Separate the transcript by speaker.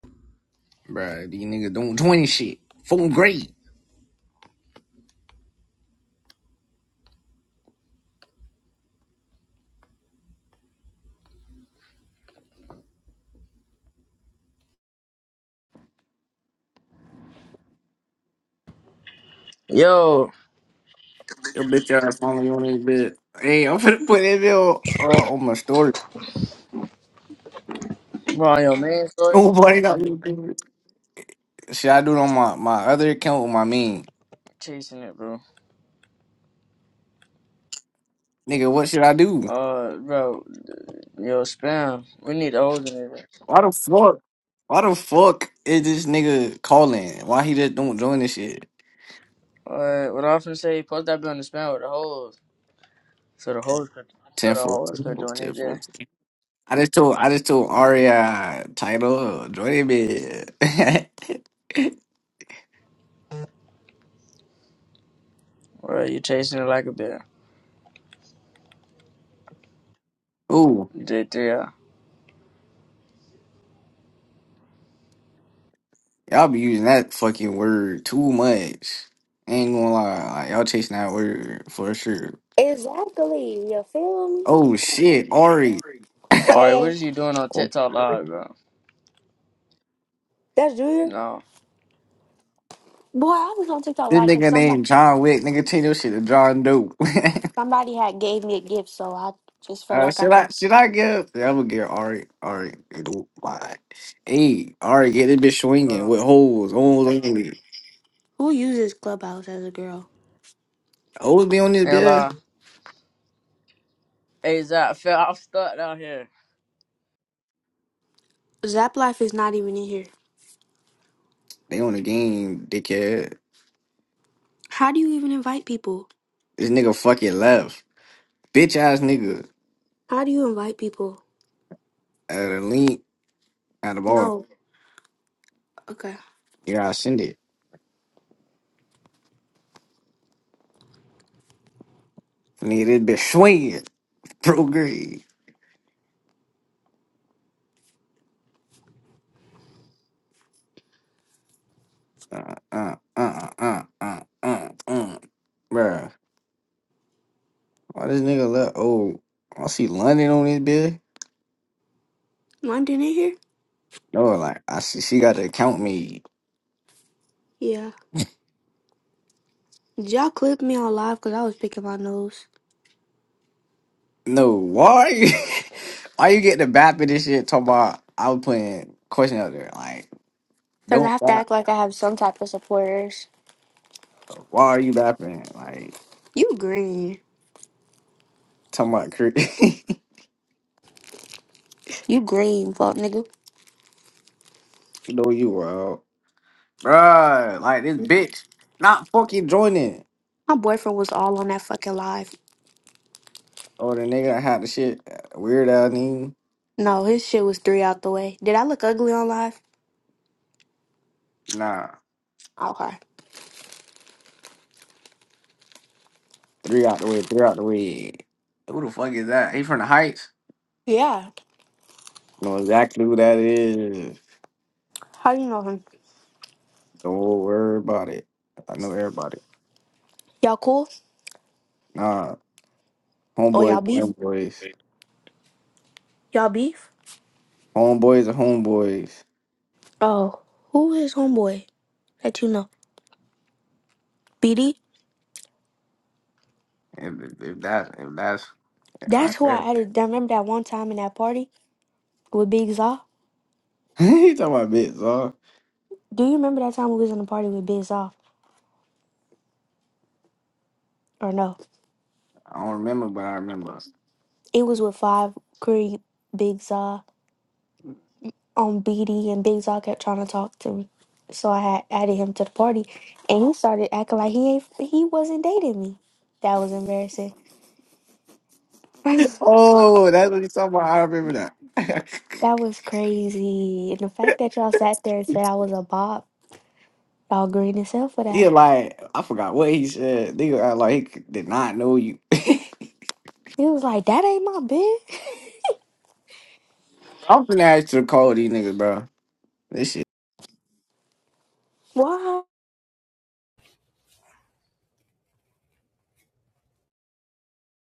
Speaker 1: Bruh, these niggas doing 20 shit. Full grade.
Speaker 2: Yo,
Speaker 1: Your bitch ass finally on this bit. Hey, I'm finna put that bill uh, on my story.
Speaker 2: bro, on your main story,
Speaker 1: Nobody got me. Should I do it on my, my other account with my main?
Speaker 2: chasing it, bro.
Speaker 1: Nigga, what should I do?
Speaker 2: Uh, bro, yo, spam. We need holes in it.
Speaker 1: Why the fuck? Why the fuck is this nigga calling? Why he just don't join this shit?
Speaker 2: Uh, what I often say, post that bit on the spam with the holes, so the holes could, so the
Speaker 1: Tenfold,
Speaker 2: holes could
Speaker 1: tenfold,
Speaker 2: join it there.
Speaker 1: tenfold. I just told I just told Aria title join it. bit.
Speaker 2: Bro, you chasing it like a bear.
Speaker 1: Ooh,
Speaker 2: J three. All
Speaker 1: Y'all be using that fucking word too much. Ain't gonna lie, like, y'all chasing that word for sure.
Speaker 3: Exactly. You feel me?
Speaker 1: Oh shit, Ari.
Speaker 2: right, what
Speaker 3: Hey,
Speaker 2: is you doing on
Speaker 1: Oh,
Speaker 2: TikTok live, bro?
Speaker 3: that's Junior.
Speaker 2: No,
Speaker 3: Boy, I was on TikTok
Speaker 1: this
Speaker 3: live because
Speaker 1: nigga
Speaker 3: somebody
Speaker 1: named John Wick, nigga change your shit to John Doe.
Speaker 3: somebody had gave me a gift, so I just felt
Speaker 1: uh,
Speaker 3: like I
Speaker 1: should I
Speaker 3: could.
Speaker 1: should I give? Yeah, I'm gonna give Ari. Ari, don't lie. Hey, Ari, get this bitch
Speaker 2: hold
Speaker 1: swinging with
Speaker 2: on.
Speaker 1: holes, holes only.
Speaker 3: Who uses Clubhouse as a girl?
Speaker 1: Holes be on this
Speaker 2: And
Speaker 1: bitch.
Speaker 2: uh, hey Zach, fell, I'm stuck down here.
Speaker 3: Zap Life is not even in here.
Speaker 1: They on the game, dickhead.
Speaker 3: How do you even invite people?
Speaker 1: This nigga fucking left, bitch ass nigga
Speaker 3: How do you invite people?
Speaker 1: at a link at the ball.
Speaker 3: No. Okay.
Speaker 1: Yeah, I send it. Needed to swing it. Prograde. Uh, uh, uh, uh, uh, uh, uh. uh. Bruh. Why this nigga left? Oh, I see London on this bitch.
Speaker 3: London in here?
Speaker 1: No, like, I see she got to count me.
Speaker 3: Yeah. Did y'all clip me on live because I was picking my nose?
Speaker 1: No, why? you- why you get the bap of this shit talking about I was putting question out there? Like,
Speaker 3: Because I
Speaker 1: don't
Speaker 3: have to
Speaker 1: bap.
Speaker 3: act like I have some type of supporters.
Speaker 1: Why are you bapping? Like,
Speaker 3: You green.
Speaker 1: talking about crit.
Speaker 3: You green, fuck nigga.
Speaker 1: no, you wild. Bruh, like, this bitch not fucking joining.
Speaker 3: My boyfriend was all on that fucking live.
Speaker 1: Oh, the nigga that had the shit uh, weird out nigga.
Speaker 3: No, his shit was three out the way. Did I look ugly on live?
Speaker 1: Nah,
Speaker 3: Okay.
Speaker 1: three out the way, three out the way. Who the fuck is that? He from the Heights.
Speaker 3: Yeah.
Speaker 1: Know exactly who that is.
Speaker 3: How you know him?
Speaker 1: Don't worry about it. I know everybody.
Speaker 3: Y'all cool?
Speaker 1: Nah,
Speaker 3: Or y'all
Speaker 1: homeboys,
Speaker 3: beef?
Speaker 1: homeboys,
Speaker 3: Y'all beef?
Speaker 1: homeboys, are homeboys.
Speaker 3: Oh, who is homeboy that you know? BD?
Speaker 1: If, if that's if that's I
Speaker 3: That's who
Speaker 1: remember.
Speaker 3: I added. I remember that one time in that party with Big Zaw.
Speaker 1: he talking about bits, huh?
Speaker 3: Do you remember that time we was in the party with Big Zaw? Or no?
Speaker 1: I don't remember, but I remember.
Speaker 3: It was with Five, Creed, Big Zaw, on BD, and Big Zaw kept trying to talk to me. So I had added him to the party, and he started acting like he ain't, he wasn't dating me. That was embarrassing.
Speaker 1: Oh, that's what he talking about. I remember that.
Speaker 3: That was crazy. And the fact that y'all sat there and said I was a bop, y'all green as hell for that.
Speaker 1: he like I forgot what he said. Nigga act like he did not know you.
Speaker 3: He was like, that ain't my bitch.
Speaker 1: I'm finna ask you to call these niggas, bro. This shit
Speaker 3: Why?